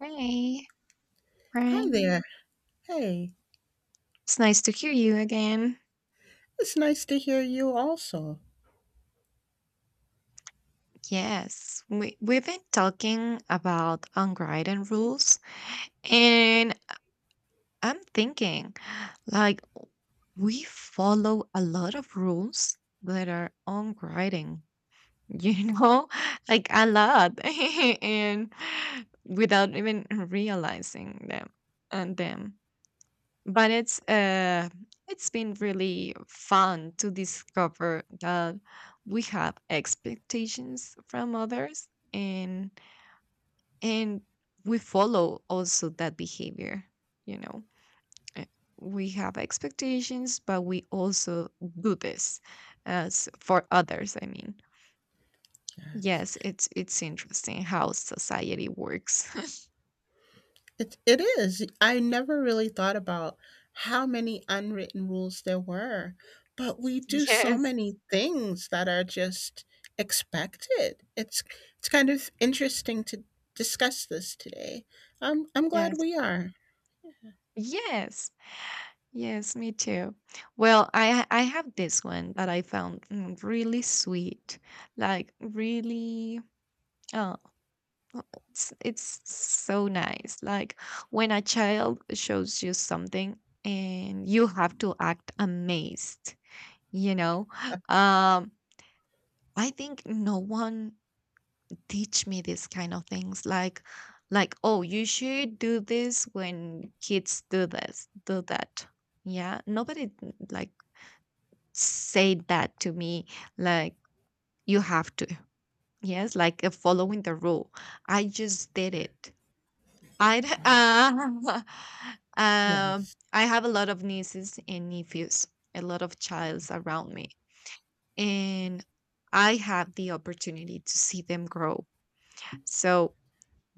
Hey, Hi Brian. there. Hey, It's nice to hear you again. it's nice to hear you also. Yes, we've been talking about unwritten rules, and I'm thinking, like, we follow a lot of rules that are unwritten, you know, like a lot, and without even realizing them. But it's been really fun to discover that we have expectations from others, and we follow also that behavior, you know. Uh, we have expectations, but we also do this as for others, I mean. Yes. Yes, it's interesting how society works. It is. I never really thought about how many unwritten rules there were, but we do so Yes. many things that are just expected. It's kind of interesting to discuss this today. I'm glad Yes. we are. Yes. Yes, me too. Well, I have this one that I found, really sweet, like, really. Oh, oh, it's so nice. Like, when a child shows you something and you have to act amazed. You know, um, I think no one teach me this kind of things. Like, oh, you should do this when kids do this, do that. Yeah, nobody, like, said that to me, like, you have to. Yes, like, following the rule, I just did it. i d- uh, Yes. I have a lot of nieces and nephews, a lot of childs around me, and I have the opportunity to see them grow. So,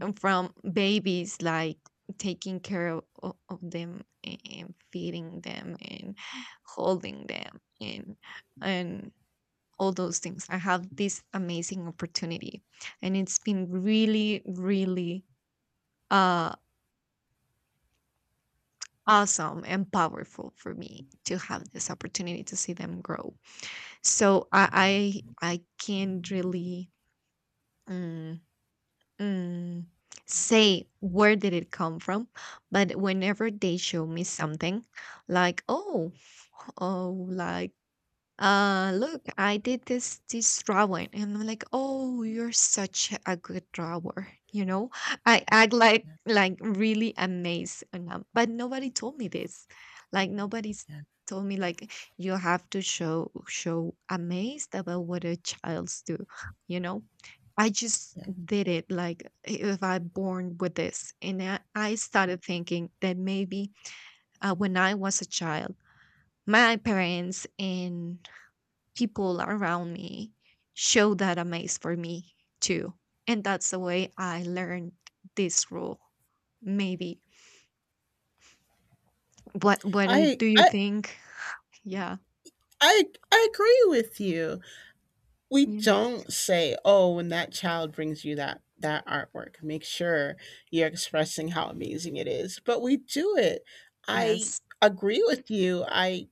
from babies, like, taking care of, of them, and feeding them, and holding them, and all those things. I have this amazing opportunity, and it's been really, really uh, awesome and powerful for me to have this opportunity to see them grow. So, I can't really, mm, mm, say where did it come from, but whenever they show me something, like, oh, like, look, I did this drawing, and I'm like, oh, you're such a good drawer, you know. I act like, Yeah. Really amazed, and but nobody told me this. Like, nobody's Yeah. told me, like, you have to show amazed about what a child's do, you know. I just yeah. did it, like, if I born with this. And I started thinking that maybe, when I was a child, my parents and people around me show that amaze for me too. And that's the way I learned this rule. Maybe. What do I do you I think? Yeah. I I agree with you. We Ye- don't say oh when that child brings you that artwork, make sure you're expressing how amazing it is, but we do it. I Yes. agree with you. i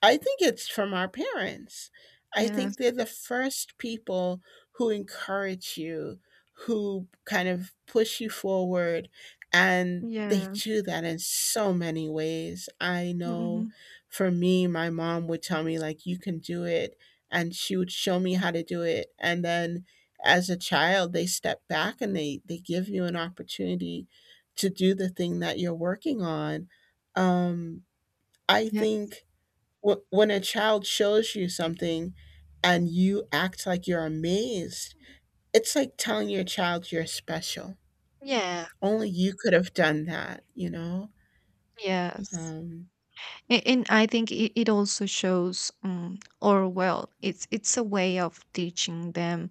I think it's from our parents. I think Yes. they're the first people who encourage you, who kind of push you forward. And they Yeah. do that in so many ways. I know Hmm. for me, my mom would tell me, like, you can do it. And she would show me how to do it. And then as a child, they step back and they give you an opportunity to do the thing that you're working on. Um, I Yeah. think when a child shows you something and you act like you're amazed, it's like telling your child you're special. Yeah. Only you could have done that, you know? Yes. Um, And I think it also shows, or, well, it's a way of teaching them,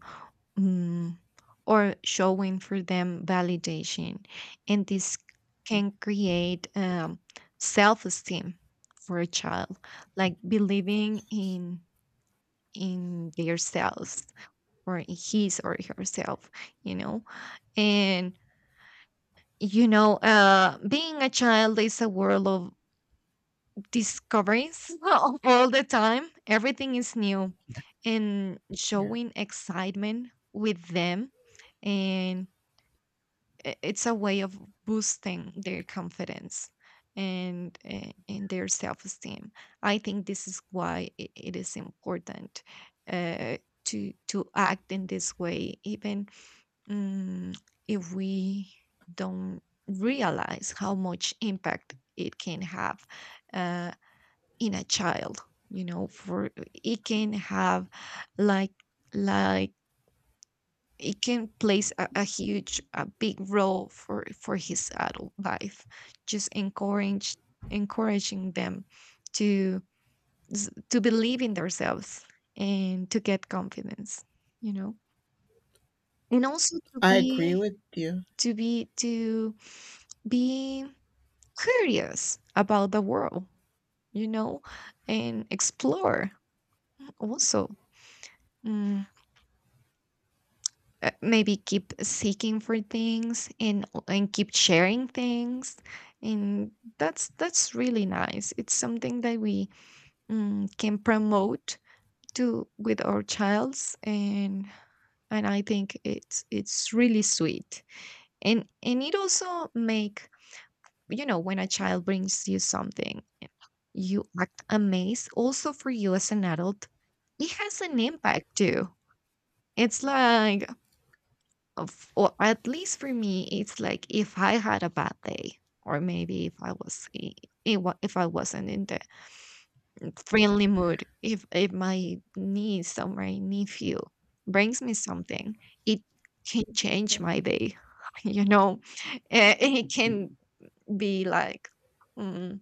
mm, or showing for them validation. And this can create, self esteem for a child, like believing in themselves, or in his or herself, you know. And, you know, being a child is a world of discoveries all the time. Everything is new, and yeah, showing excitement with them, and it's a way of boosting their confidence, and their self-esteem. I think this is why it is important, uh, to act in this way, even, mm, if we don't realize how much impact it can have, uh, in a child, you know. For, it can have, like like, it can plays a huge, a big role for his adult life. Just encourage encouraging them to, to believe in themselves, and to get confidence, you know. And also to I agree with you. to be to be curious about the world, you know, and explore also, mm, maybe keep seeking for things, and keep sharing things. And that's really nice. It's something that we, can promote to with our childs, and I think it's really sweet, and it also make, you know, when a child brings you something, you act amazed. Also, for you as an adult, it has an impact too. It's like, of, or at least for me, it's like, if I had a bad day, or maybe if I was I- wa- if I wasn't in the friendly mood, if my niece or my nephew brings me something, it can change my day. You know. It can be like, mm,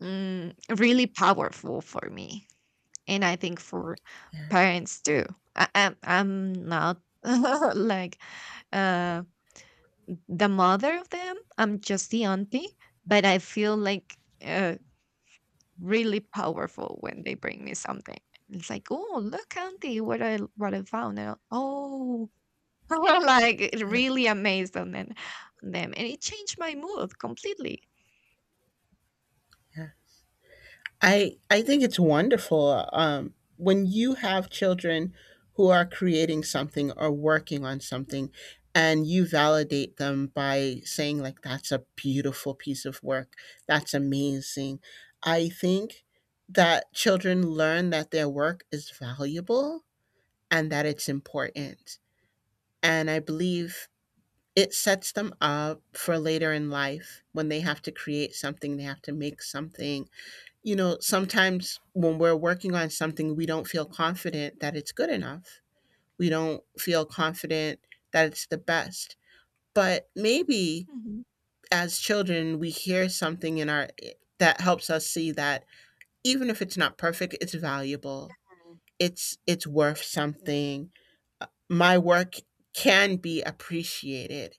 really powerful for me, and I think for parents too. I'm not like, uh the mother of them. I'm just the auntie, but I feel like, uh, really powerful when they bring me something. It's like, oh, look, auntie, what I found. And, oh, I'm like really amazed on them, and it changed my mood completely. Yeah. I think it's wonderful when you have children who are creating something or working on something, and you validate them by saying, like, that's a beautiful piece of work, that's amazing. I think that children learn that their work is valuable and that it's important, and I believe it sets them up for later in life when they have to create something, they have to make something. You know, sometimes when we're working on something, we don't feel confident that it's good enough. We don't feel confident that it's the best. But maybe Mhm. as children, we hear something in our that helps us see that even if it's not perfect, it's valuable. It's worth something. My work can be appreciated,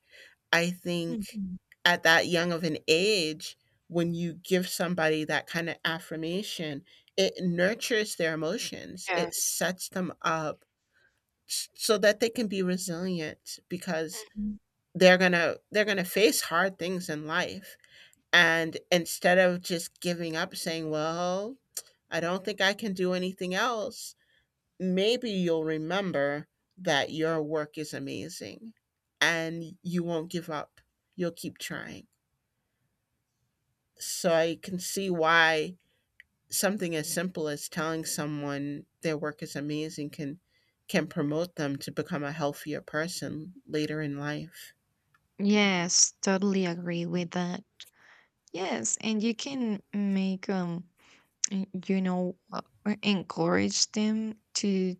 I think, Mhm. at that young of an age. When you give somebody that kind of affirmation, it nurtures their emotions. It Yes. sets them up so that they can be resilient, because Mhm. they're going to face hard things in life. And instead of just giving up saying, "Well, I don't think I can do anything else." Maybe you'll remember that your work is amazing, and you won't give up. You'll keep trying. So I can see why something as simple as telling someone their work is amazing can promote them to become a healthier person later in life. Yes, totally agree with that. Yes, and you can make, you know, encourage them to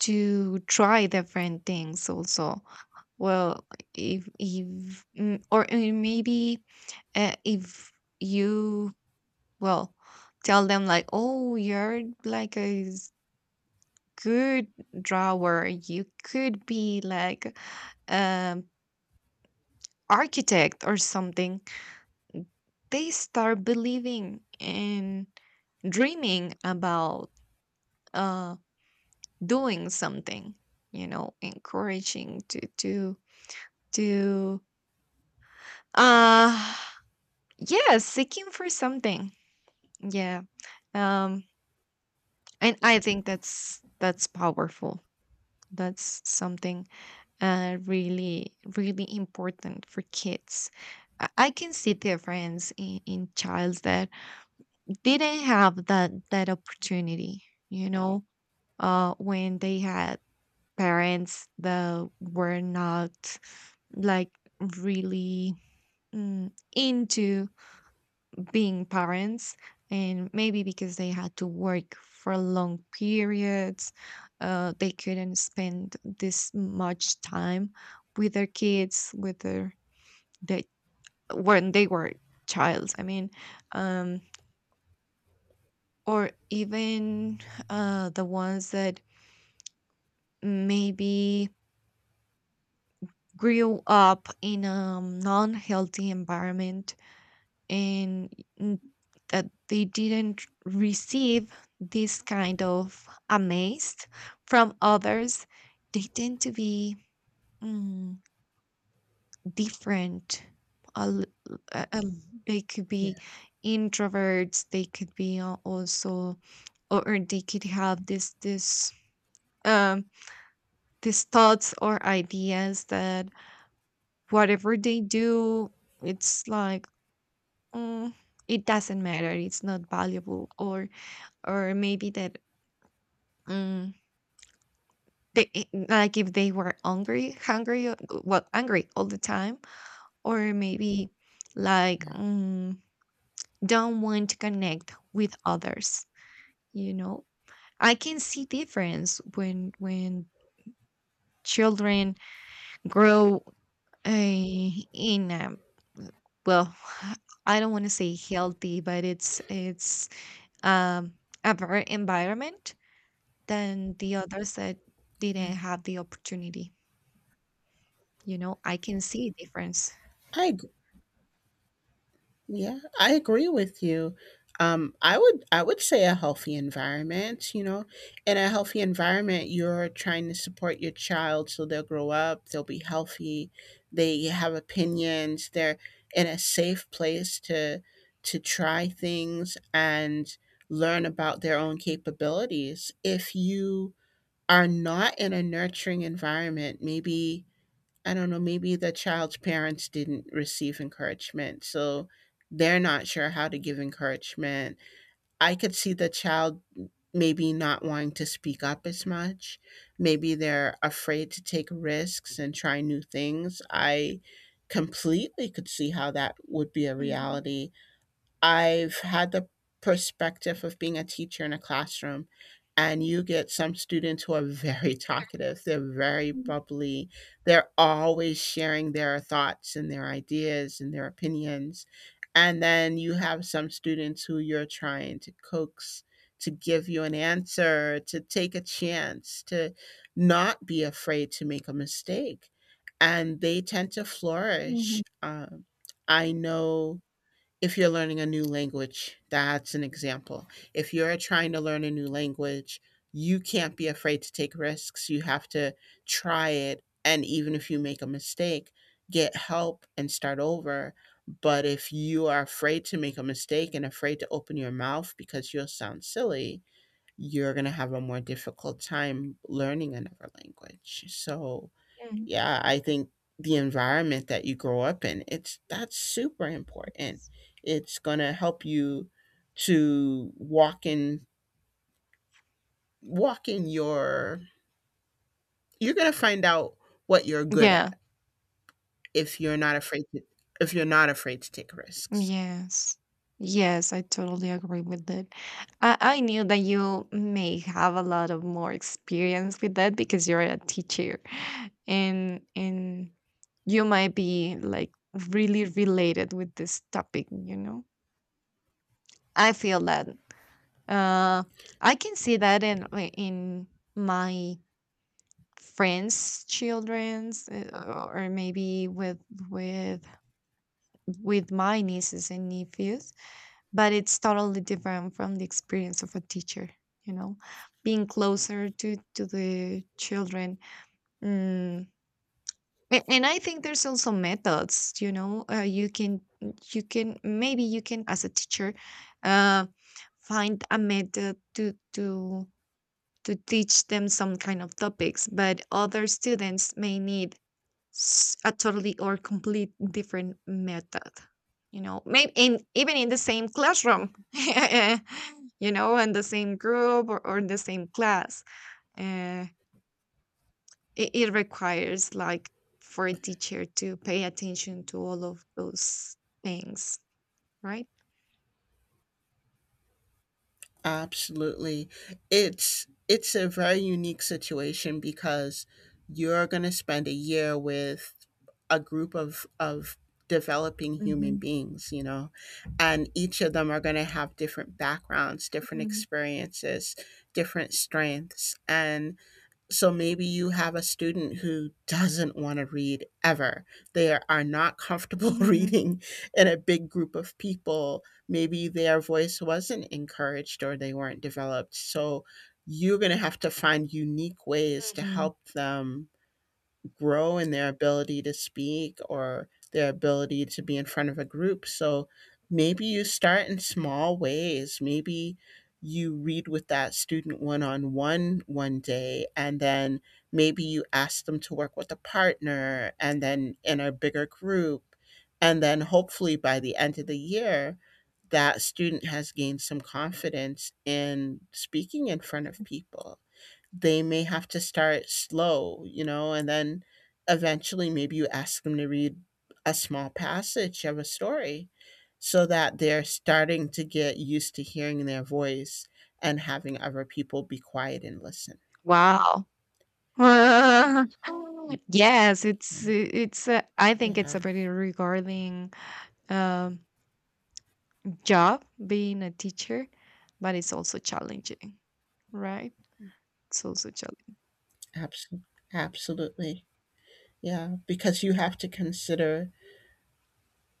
to try different things also. Well, if, or maybe, if you, well, tell them, like, oh, you're like a good drawer, you could be like, um architect or something, they start believing and dreaming about, uh doing something, you know. Encouraging to Uh yeah, seeking for something. Yeah. Um and I think that's powerful. That's something, really, really important for kids. I can see difference in, childs that didn't have that opportunity, you know, when they had parents that were not, like, really, into being parents, and maybe because they had to work for long periods. Uh, they couldn't spend this much time with their kids, with their, they, when they were childs, I mean. um or even, the ones that maybe grew up in a non-healthy environment, and n- that they didn't receive this kind of amaze from others, they tend to be, mm, different. A l- a- They could Yeah. be introverts. They could be also, or they could have this um, these thoughts or ideas that whatever they do, it's like, "Mm, it doesn't matter. It's not valuable," or, maybe that, um they, like, if they were hungry, well, angry all the time, or maybe, like, don't want to connect with others, you know. I can see difference, when children grow, in a, well, I don't want to say healthy, but it's um a better environment than the others that didn't have the opportunity. You know, I can see a difference. I Yeah, I agree with you. I would say a healthy environment, you know. In a healthy environment, you're trying to support your child so they'll grow up, they'll be healthy, they have opinions, they're in a safe place to try things and learn about their own capabilities. If you are not in a nurturing environment, maybe I don't know, maybe the child's parents didn't receive encouragement. So they're not sure how to give encouragement. I could see the child maybe not wanting to speak up as much. Maybe they're afraid to take risks and try new things. I completely could see how that would be a Mhm. reality. I've had the perspective of being a teacher in a classroom, and you get some students who are very talkative. They're very Mm. bubbly. They're always sharing their thoughts and their ideas and their opinions. And then you have some students who you're trying to coax to give you an answer, to take a chance, to not be afraid to make a mistake. And they tend to flourish. Mhm. I know if you're learning a new language, that's an example. If you're trying to learn a new language, you can't be afraid to take risks. You have to try it. And even if you make a mistake, get help and start over. But if you are afraid to make a mistake and afraid to open your mouth because you'll sound silly, you're going to have a more difficult time learning another language. So Mm. yeah, I think the environment that you grow up in, it's that's super important. It's gonna help you to walk in walk in your you're gonna find out what you're good Yeah. at if you're not afraid to if you're not afraid to take risks. Yes. Yes, I totally agree with that. I knew that you may have a lot of more experience with that because you're a teacher, and you might be like really related with this topic, you know. I feel that, uh I can see that in my friends' childrens, or maybe with, with with my nieces and nephews, but it's totally different from the experience of a teacher. You know, being closer to the children. Mm. And I think there's also methods. You know, you can maybe, you can, as a teacher, uh, find a method to teach them some kind of topics, but other students may need, a totally or complete different method, you know, maybe in, even in the same classroom you know, in the same group, or in the same class. Uh, it requires, like, for a teacher to pay attention to all of those things, right? Absolutely. It's a very unique situation because you're going to spend a year with a group of developing human Hmm. beings, you know, and each of them are going to have different backgrounds, different Hmm. experiences, different strengths, and so maybe you have a student who doesn't want to read ever. They are not comfortable Hmm. reading in a big group of people. Maybe their voice wasn't encouraged or they weren't developed. So you're going to have to find unique ways to help them grow in their ability to speak or their ability to be in front of a group. So maybe you start in small ways. Maybe you read with that student one on one one day, and then maybe you ask them to work with a partner and then in a bigger group. And then hopefully by the end of the year, that student has gained some confidence in speaking in front of people. They may have to start slow, you know, and then eventually maybe you ask them to read a small passage of a story so that they're starting to get used to hearing their voice and having other people be quiet and listen. Wow. Uh, yes, it's Yeah, it's I think it's yeah, a very regarding, um job being a teacher, but it's also challenging, right? It's also challenging. abso- absolutely. Yeah, because you have to consider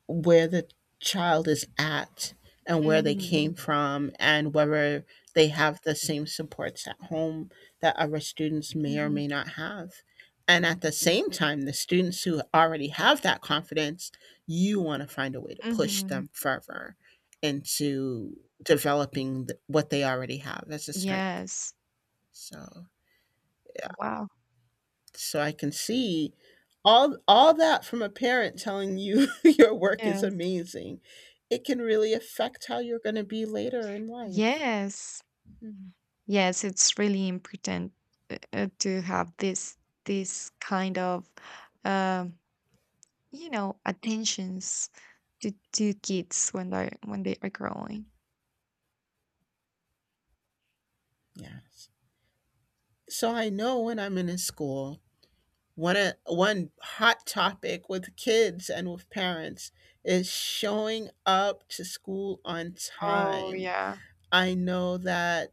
where the child is at and where they Hmm. came from and whether they have the same supports at home that other students may or Hmm. may not have. And at the same time, the students who already have that confidence, you want to find a way to push Hmm. them further into developing what they already have as a strength. Yes. So, Wow. so I can see all that from a parent telling you your work is Yes. amazing. It can really affect how you're going to be later in life. Yes. Yes. It's really important, to have this kind of, um, you know, attentions to kids, when they are growing. Yes. So I know when I'm in a school, one hot topic with kids and with parents is showing up to school on Oh, time. yeah. I know that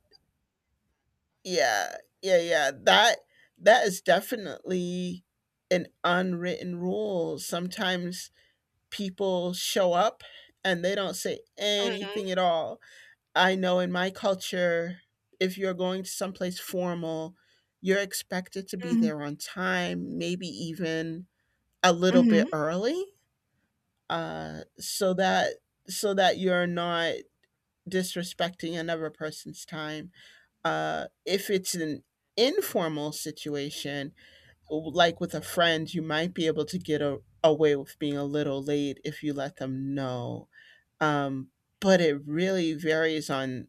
yeah, yeah, yeah. That that is definitely an unwritten rule. Sometimes people show up and they don't say Hmm. anything at all. I know in my culture, if you're going to someplace formal, you're expected to be there on time, maybe even a little Hmm. bit early, so that so that you're not disrespecting another person's time. If it's an informal situation, like with a friend, you might be able to get a, away with being a little late if you let them know, um, but it really varies on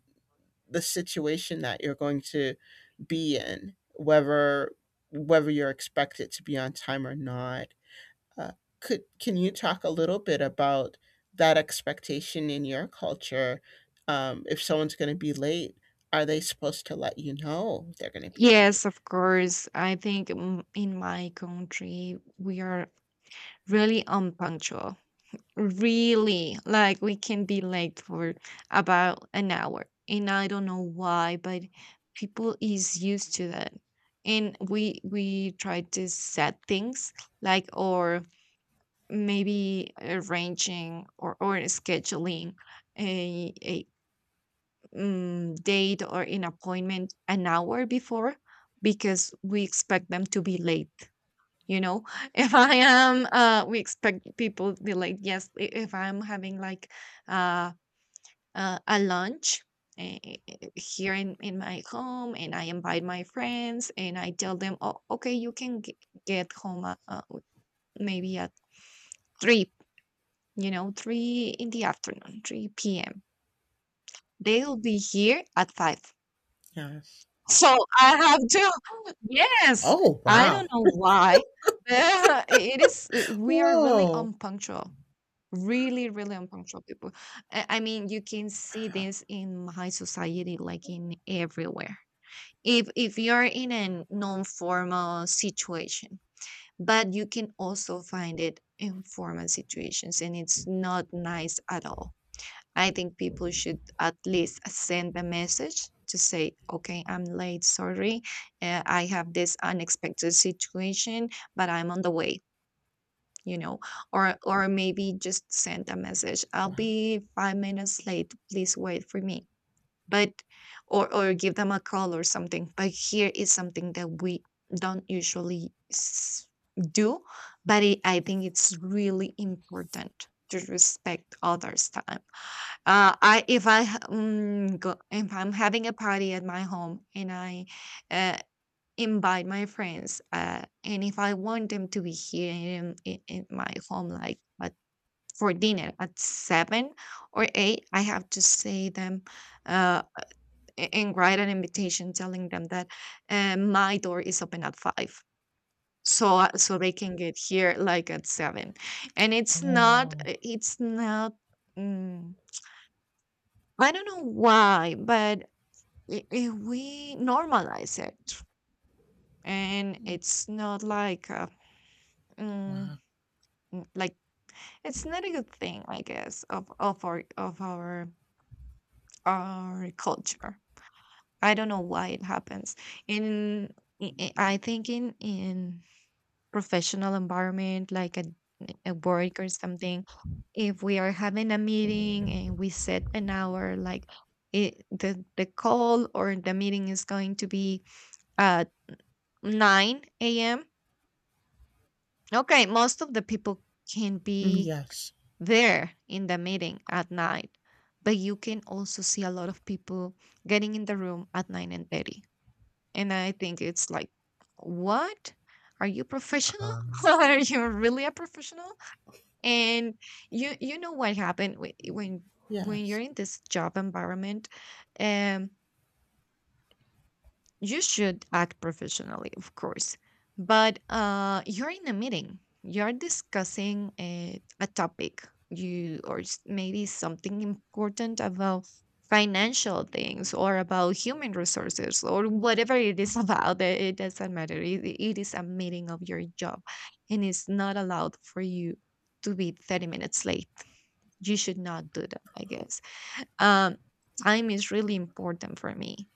the situation that you're going to be in, whether whether you're expected to be on time or not. Uh, could can you talk a little bit about that expectation in your culture? If someone's going to be late, are they supposed to let you know they're going to be late? Yes, of course. I think, in my country, we are really unpunctual. Really, like, we can be late for about an hour. And I don't know why, but people is used to that. And we try to set things, like, or maybe arranging, or scheduling a date or an appointment an hour before, because we expect them to be late, you know. if I am We expect people to be late. Yes. If I'm having, like, uh, a lunch, here in my home, and I invite my friends, and I tell them, oh, okay, you can get home, maybe at 3, you know, 3 in the afternoon, 3 p.m., they'll be here at 5. Yes. So I have to. Yes, Oh I wow! don't know why, but it is, we are really Whoa! unpunctual, really, really unpunctual people. I mean, you can see this in high society, like, in everywhere. If you're in a non-formal situation, but you can also find it in formal situations, and it's not nice at all. I think people should at least send a message to say, "Okay, I'm late, sorry, I have this unexpected situation, but I'm on the way, you know or maybe just send a message, I'll Wow! be 5 minutes late, please wait for me," but or give them a call or something. But here is something that we don't usually s- do, but I think it's really important to respect others' time. I if I ha- mm, go, If I'm having a party at my home and I uh, invite my friends, and if I want them to be here in my home, like, but for dinner at seven or eight, I have to say them, uh, and write an invitation telling them that my door is open at five. So, so they can get here like at seven, and Oh it's not, mm, I don't know why, but if we normalize it, and it's not like, mm, wow! Like, it's not a good thing, I guess, of our our culture. I don't know why it happens in i i I think in professional environment, like a work or something, if we are having a meeting and we set an hour, like, the call or the meeting is going to be at 9 a.m. Okay, most of the people can Mm, be yes. there in the meeting at night, but you can also see a lot of people getting in the room at 9 and 30. And I think it's like, what? Are you professional? Um, Are you really a professional? And you know what happened when you're yes. in this job environment, um you should act professionally, of course, but you're in a meeting, you're discussing a topic, maybe something important about financial things or about human resources or whatever it is about. It doesn't matter. It is a meeting of your job, and it's not allowed for you to be 30 minutes late. You should not do that, I guess. um, Time is really important for me,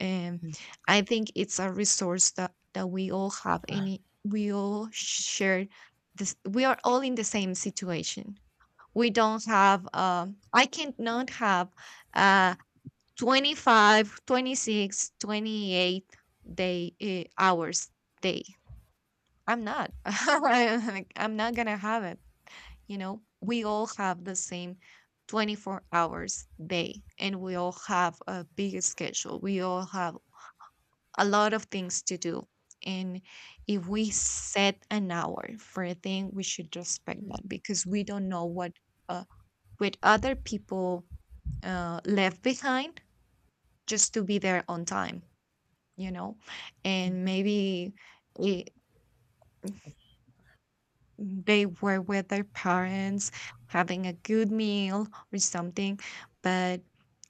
and I think it's a resource that we all have any we all share. This we are all in the same situation. We don't have, I cannot have uh 25, 26, twenty-eight day hours day I'm not I'm not gonna have it. You know, we all have the same 24 hours day, and we all have a big schedule. We all have a lot of things to do. And if we set an hour for a thing, we should respect that because we don't know what uh, with other people left behind just to be there on time, you know? And maybe, eh, they were with their parents having a good meal or something, but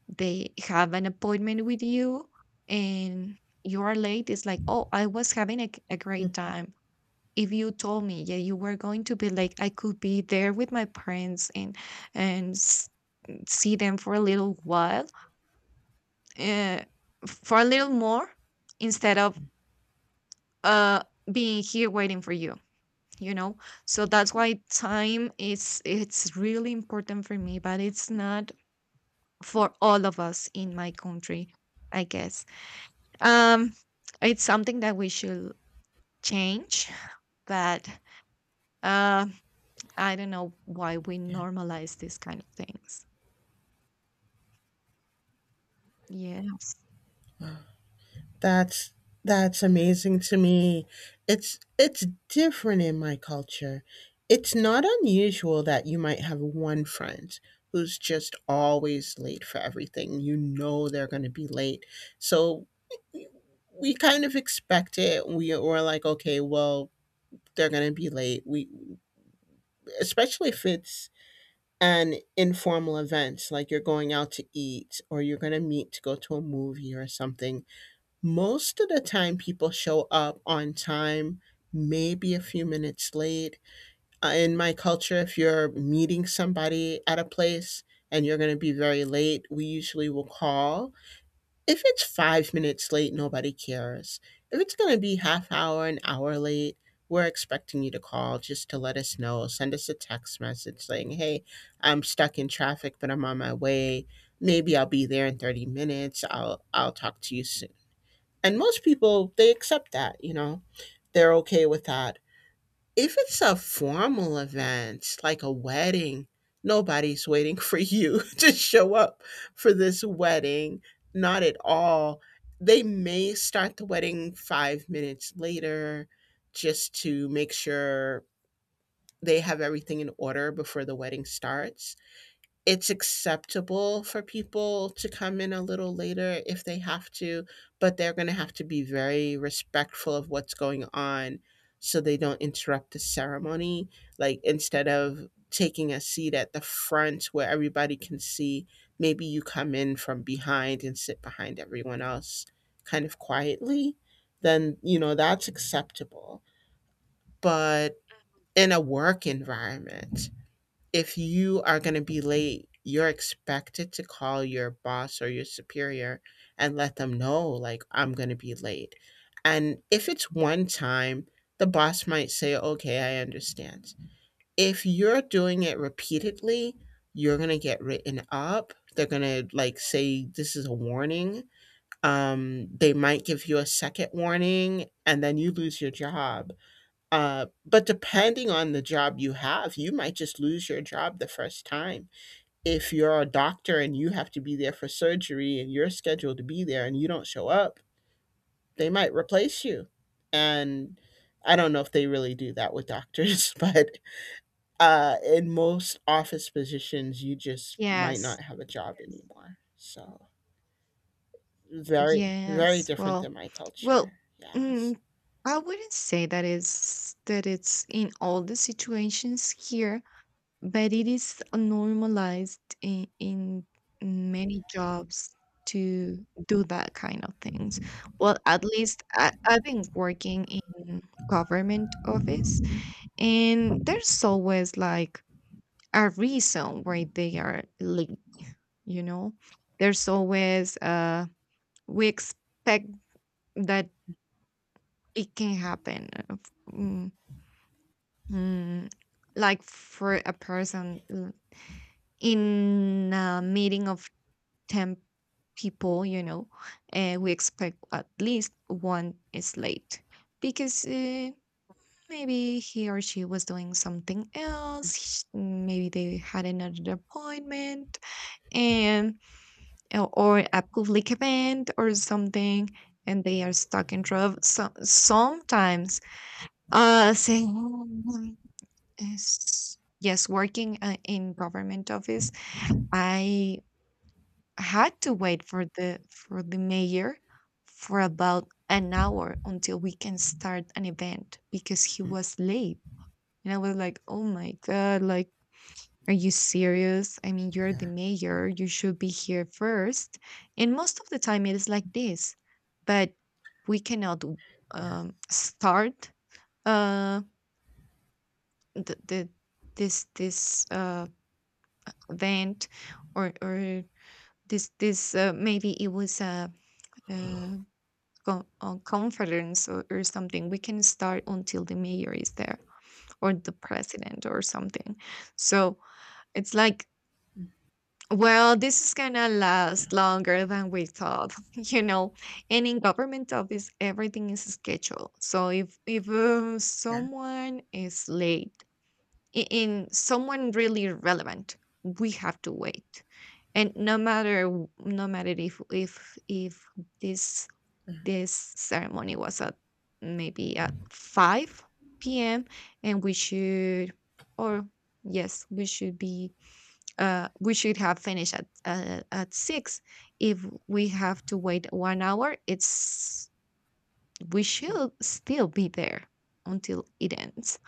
they have an appointment with you and you are late. It's like, oh, I was having a great Wow. time. If you told me, yeah, you were going to be late, I could be there with my parents and and s- see them for a little while, uh, for a little more, instead of uh being here waiting for you, you know? So that's why time is, it's really important for me, but it's not for all of us in my country, I guess. um it's something that we should change, but uh I don't know why we normalize these kind of things. Yes. That's that's amazing to me. It's different in my culture. It's not unusual that you might have one friend who's just always late for everything. You know they're going to be late. So we kind of expect it. We were like, okay, well, they're going to be late. We especially if it's an informal event, like you're going out to eat or you're going to meet to go to a movie or something. Most of the time, people show up on time, maybe a few minutes late. In my culture, if you're meeting somebody at a place and you're going to be very late, we usually will call. If it's 5 minutes late, nobody cares. If it's going to be half hour, an hour late, we're expecting you to call just to let us know. Send us a text message saying, hey, I'm stuck in traffic, but I'm on my way. Maybe I'll be there in 30 minutes. I'll talk to you soon, and most people, they accept that, you know, they're okay with that. If it's a formal event, like a wedding, nobody's waiting for you to show up for this wedding. Not at all. They may start the wedding 5 minutes later just to make sure they have everything in order before the wedding starts. It's acceptable for people to come in a little later if they have to, but they're going to have to be very respectful of what's going on so they don't interrupt the ceremony. Like instead of taking a seat at the front where everybody can see, maybe you come in from behind and sit behind everyone else kind of quietly, then, you know, that's acceptable. But in a work environment, if you are going to be late, you're expected to call your boss or your superior and let them know, like, I'm going to be late. And if it's one time, the boss might say, okay, I understand. If you're doing it repeatedly, you're going to get written up. They're going to, like, say, this is a warning. They might give you a second warning, and then you lose your job, but depending on the job you have, you might just lose your job the first time. If you're a doctor and you have to be there for surgery and you're scheduled to be there and you don't show up, they might replace you. And I don't know if they really do that with doctors, but in most office positions, you just might Yes. not have a job anymore. So very, very Yes. different Well. than my Well. culture. Yes. mm, I wouldn't say that is that it's in all the situations here, but it is, normalized in, many jobs to do that kind of things. Well, at least I've been working in government office, and there's always like a reason why they are late. You know, there's always we expect that it can happen. Mm, mm, like, for a person, in a meeting of 10 people, you know, and we expect at least one is late, because maybe he or she was doing something else, maybe they had another appointment, and or a public event or something, and they are stuck in traffic. So sometimes, uh, saying "Mm, yes, working, in government office, I had to wait for the mayor for about an hour until we can start an event because he Mhm. was late. And I was like, "Oh my god, like, are you serious? I mean, you're the Yeah. mayor, you should be here first." And most of the time it is like this. But we cannot Yeah. Start uh the this event, or this, maybe it was a, uh, conference, or something. We can start until the mayor is there, or the president or something. So it's like, well, this is gonna Yeah. last longer than we thought. You know? And in government office, everything is scheduled, so if, Yeah. someone is late, in someone really relevant, we have to wait. And no matter no matter if this ceremony was at maybe at 5 p.m., and we should, or, yes, we should be, we should have finished at, at 6. If we have to wait one hour, it's, we Mm-hmm. should still be there until it ends,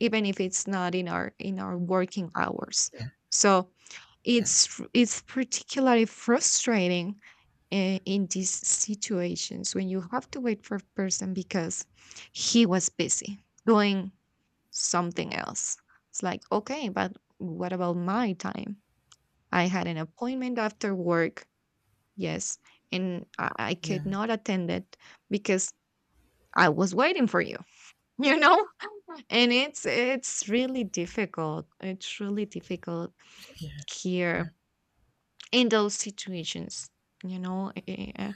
even if it's not in our working hours. Yeah. So Yes. it's particularly frustrating, in these situations, when you have to wait for a person because he was busy doing something else. It's like, okay, but what about my time? I had an appointment after work, yes, and I Yeah. could not attend it because I was waiting for you, you know? And it's really difficult. It's really difficult Yeah. here, in those situations, you know? eh, eh, eh,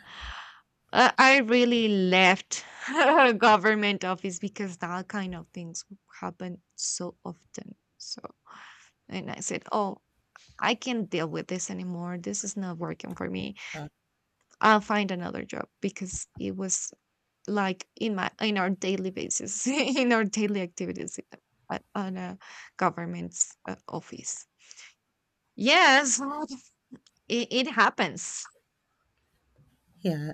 Uh, I really left government office because that kind of things happen so often. So, and I said, oh, I can't deal with this anymore. This is not working for me. Yeah. I'll find another job, because it was like in my, in our daily basis, in our daily activities, on a government's, office. Yes, it happens. Yeah.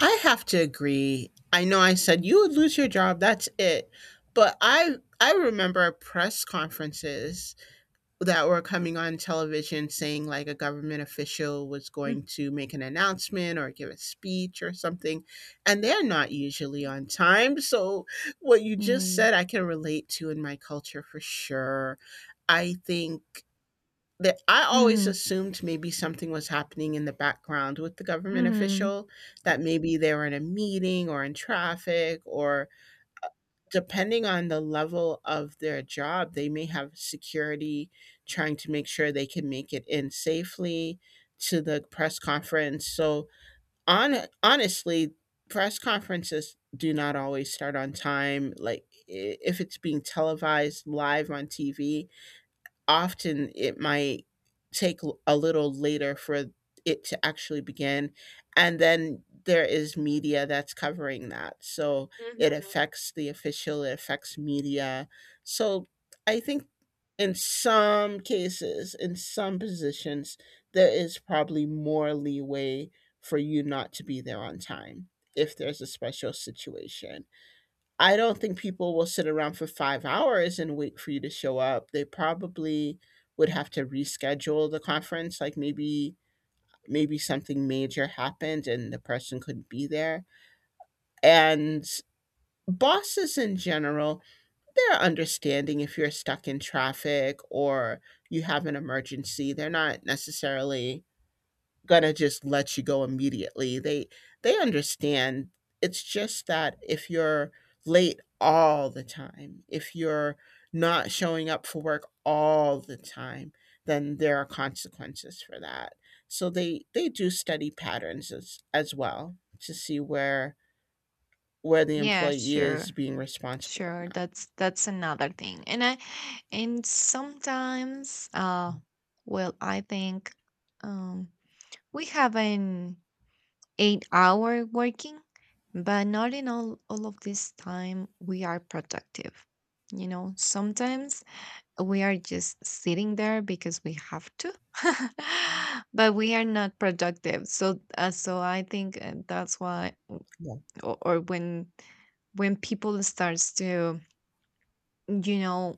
I have to agree. I know I said you would lose your job, that's it. But I remember press conferences that were coming on television saying like a government official was going to make an announcement or give a speech or something, and they're not usually on time. So what you just Mm. said I can relate to in my culture for sure. I think that I always Mm-hmm. assumed maybe something was happening in the background with the government Hmm. official, that maybe they were in a meeting or in traffic, or depending on the level of their job, they may have security trying to make sure they can make it in safely to the press conference. So, on, honestly, press conferences do not always start on time. Like, if it's being televised live on TV, often it might take a little later for it to actually begin, and then there is media that's covering that. So it affects the official, it affects media. So I think in some cases, in some positions, there is probably more leeway for you not to be there on time if there's a special situation. I don't think people will sit around for 5 hours and wait for you to show up. They probably would have to reschedule the conference, like, maybe maybe something major happened and the person couldn't be there, and bosses in general, they're understanding if you're stuck in traffic or you have an emergency. They're not necessarily gonna just let you go immediately. They understand. It's just that if you're late all the time, if you're not showing up for work all the time, then there are consequences for that. So they do study patterns as well to see where the Yeah, employee is sure. being responsible or Sure, not. that's another thing. And I and sometimes, well, I think, um we have an 8 hour working, but not in all of this time we are productive. You know, sometimes we are just sitting there because we have to, but we are not productive. So, so I think, that's why, Yeah. Or when people starts to, you know,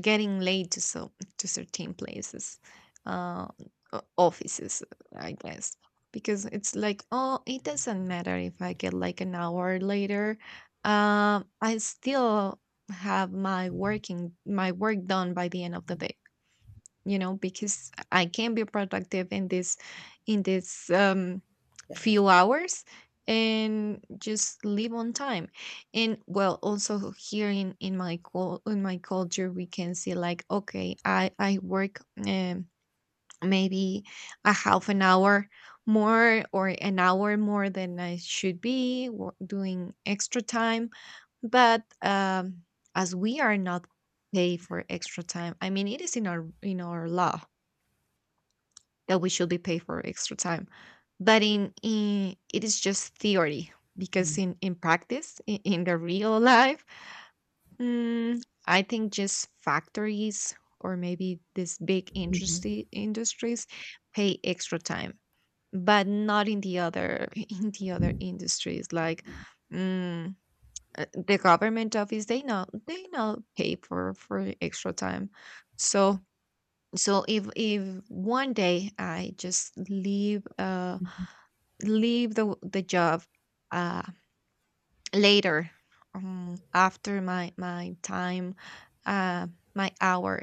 getting late to, so to certain places, uh offices, I guess, because it's like, oh, it doesn't matter if I get like an hour later, I still have my work done by the end of the day, you know, because I can be productive in this in this um Yes. few hours, and just live on time. And well, also here in my in my culture, we can see like, okay, I work, um maybe a half an hour more or an hour more than I should, doing extra time, but, as we are not paid for extra time. I mean, it is in our law that we should be paid for extra time, but in, it is just theory, because in practice, in the real life, I think just factories or maybe these big industry industries pay extra time, but not in the other, in the other industries, like, mm, the government office, they know they not pay for extra time. So, so if one day I just leave the job, uh later, after my time, uh my hour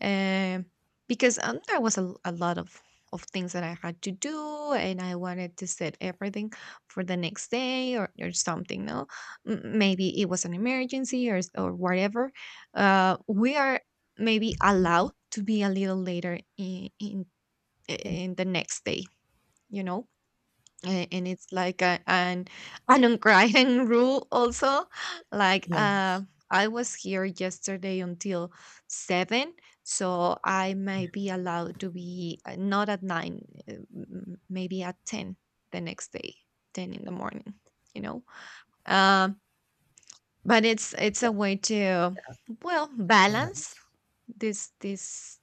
um, because, there was a, a lot of things that I had to do, and I wanted to set everything for the next day or something. No, maybe it was an emergency or or whatever. We are maybe allowed to be a little later in Yes. in the next day. You know, and it's like a, an unwritten rule also, like, Yeah. I was here yesterday until 7, so I may be allowed to be, not at 9, maybe at 10, the next day, 10 in the morning, you know. um, but it's a way to, well, balance Yes. this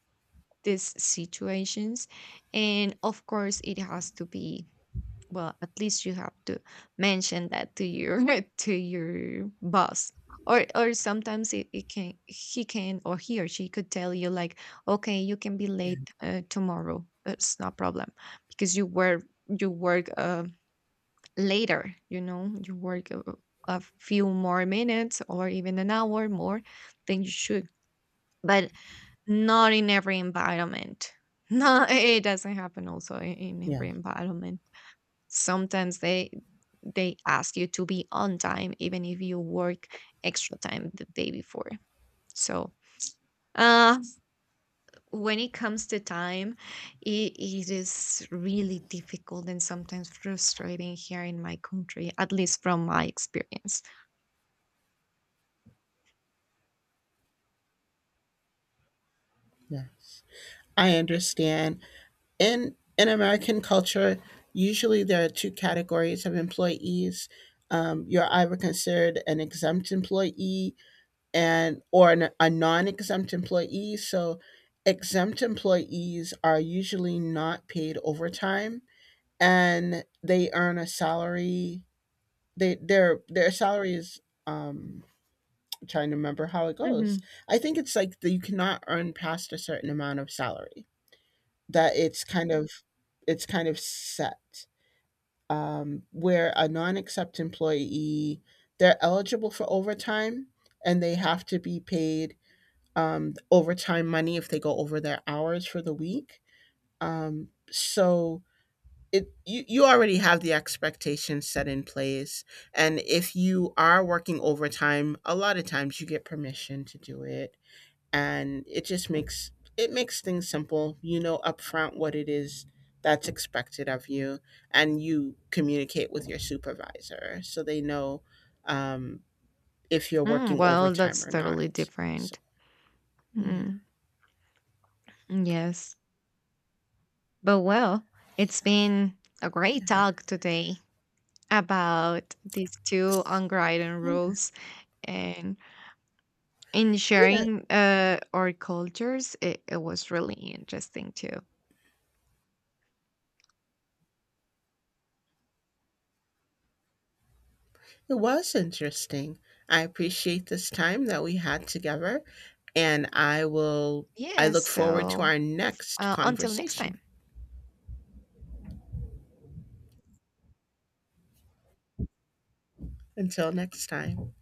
these situations. And of course it has to be, well, at least you have to mention that to your to your boss. Or sometimes it can, he can, or he or she could tell you like, okay, you can be Yeah. late, tomorrow, it's no problem because you work, later. You know, you work a few more minutes or even an hour more than you should, but not in every environment. No, it doesn't happen also in every Yes. environment. Sometimes they ask you to be on time even if you work extra time the day before. So, uh when it comes to time, it is really difficult and sometimes frustrating here in my country, at least from my experience. Yes. I understand. In American culture, usually there are two categories of employees. You're either considered an exempt employee and or an, a non-exempt employee. So exempt employees are usually not paid overtime, and they earn a salary. They their salary is. Um, I'm trying to remember how it Hmm. goes. I think it's like that you cannot earn past a certain amount of salary. That it's kind of, it's kind of set, where a non-exempt employee, they're eligible for overtime, and they have to be paid, overtime money if they go over their hours for the week. So it, you already have the expectations set in place, and if you are working overtime, a lot of times you get permission to do it, and it just makes it makes things simple. You know upfront what it is that's expected of you, and you communicate with your supervisor so they know, um, if you're working Well, overtime that's or totally not. So different. yeah. mm, yes, but, well, it's Yes. been a great Yeah. talk today about these two S- unwritten yeah. rules, and in Yeah, sharing, our cultures, it was really interesting too. it was interesting. I appreciate this time that we had together, and I will, I Yes. look forward to So, our next until next conversation. time. Until next time.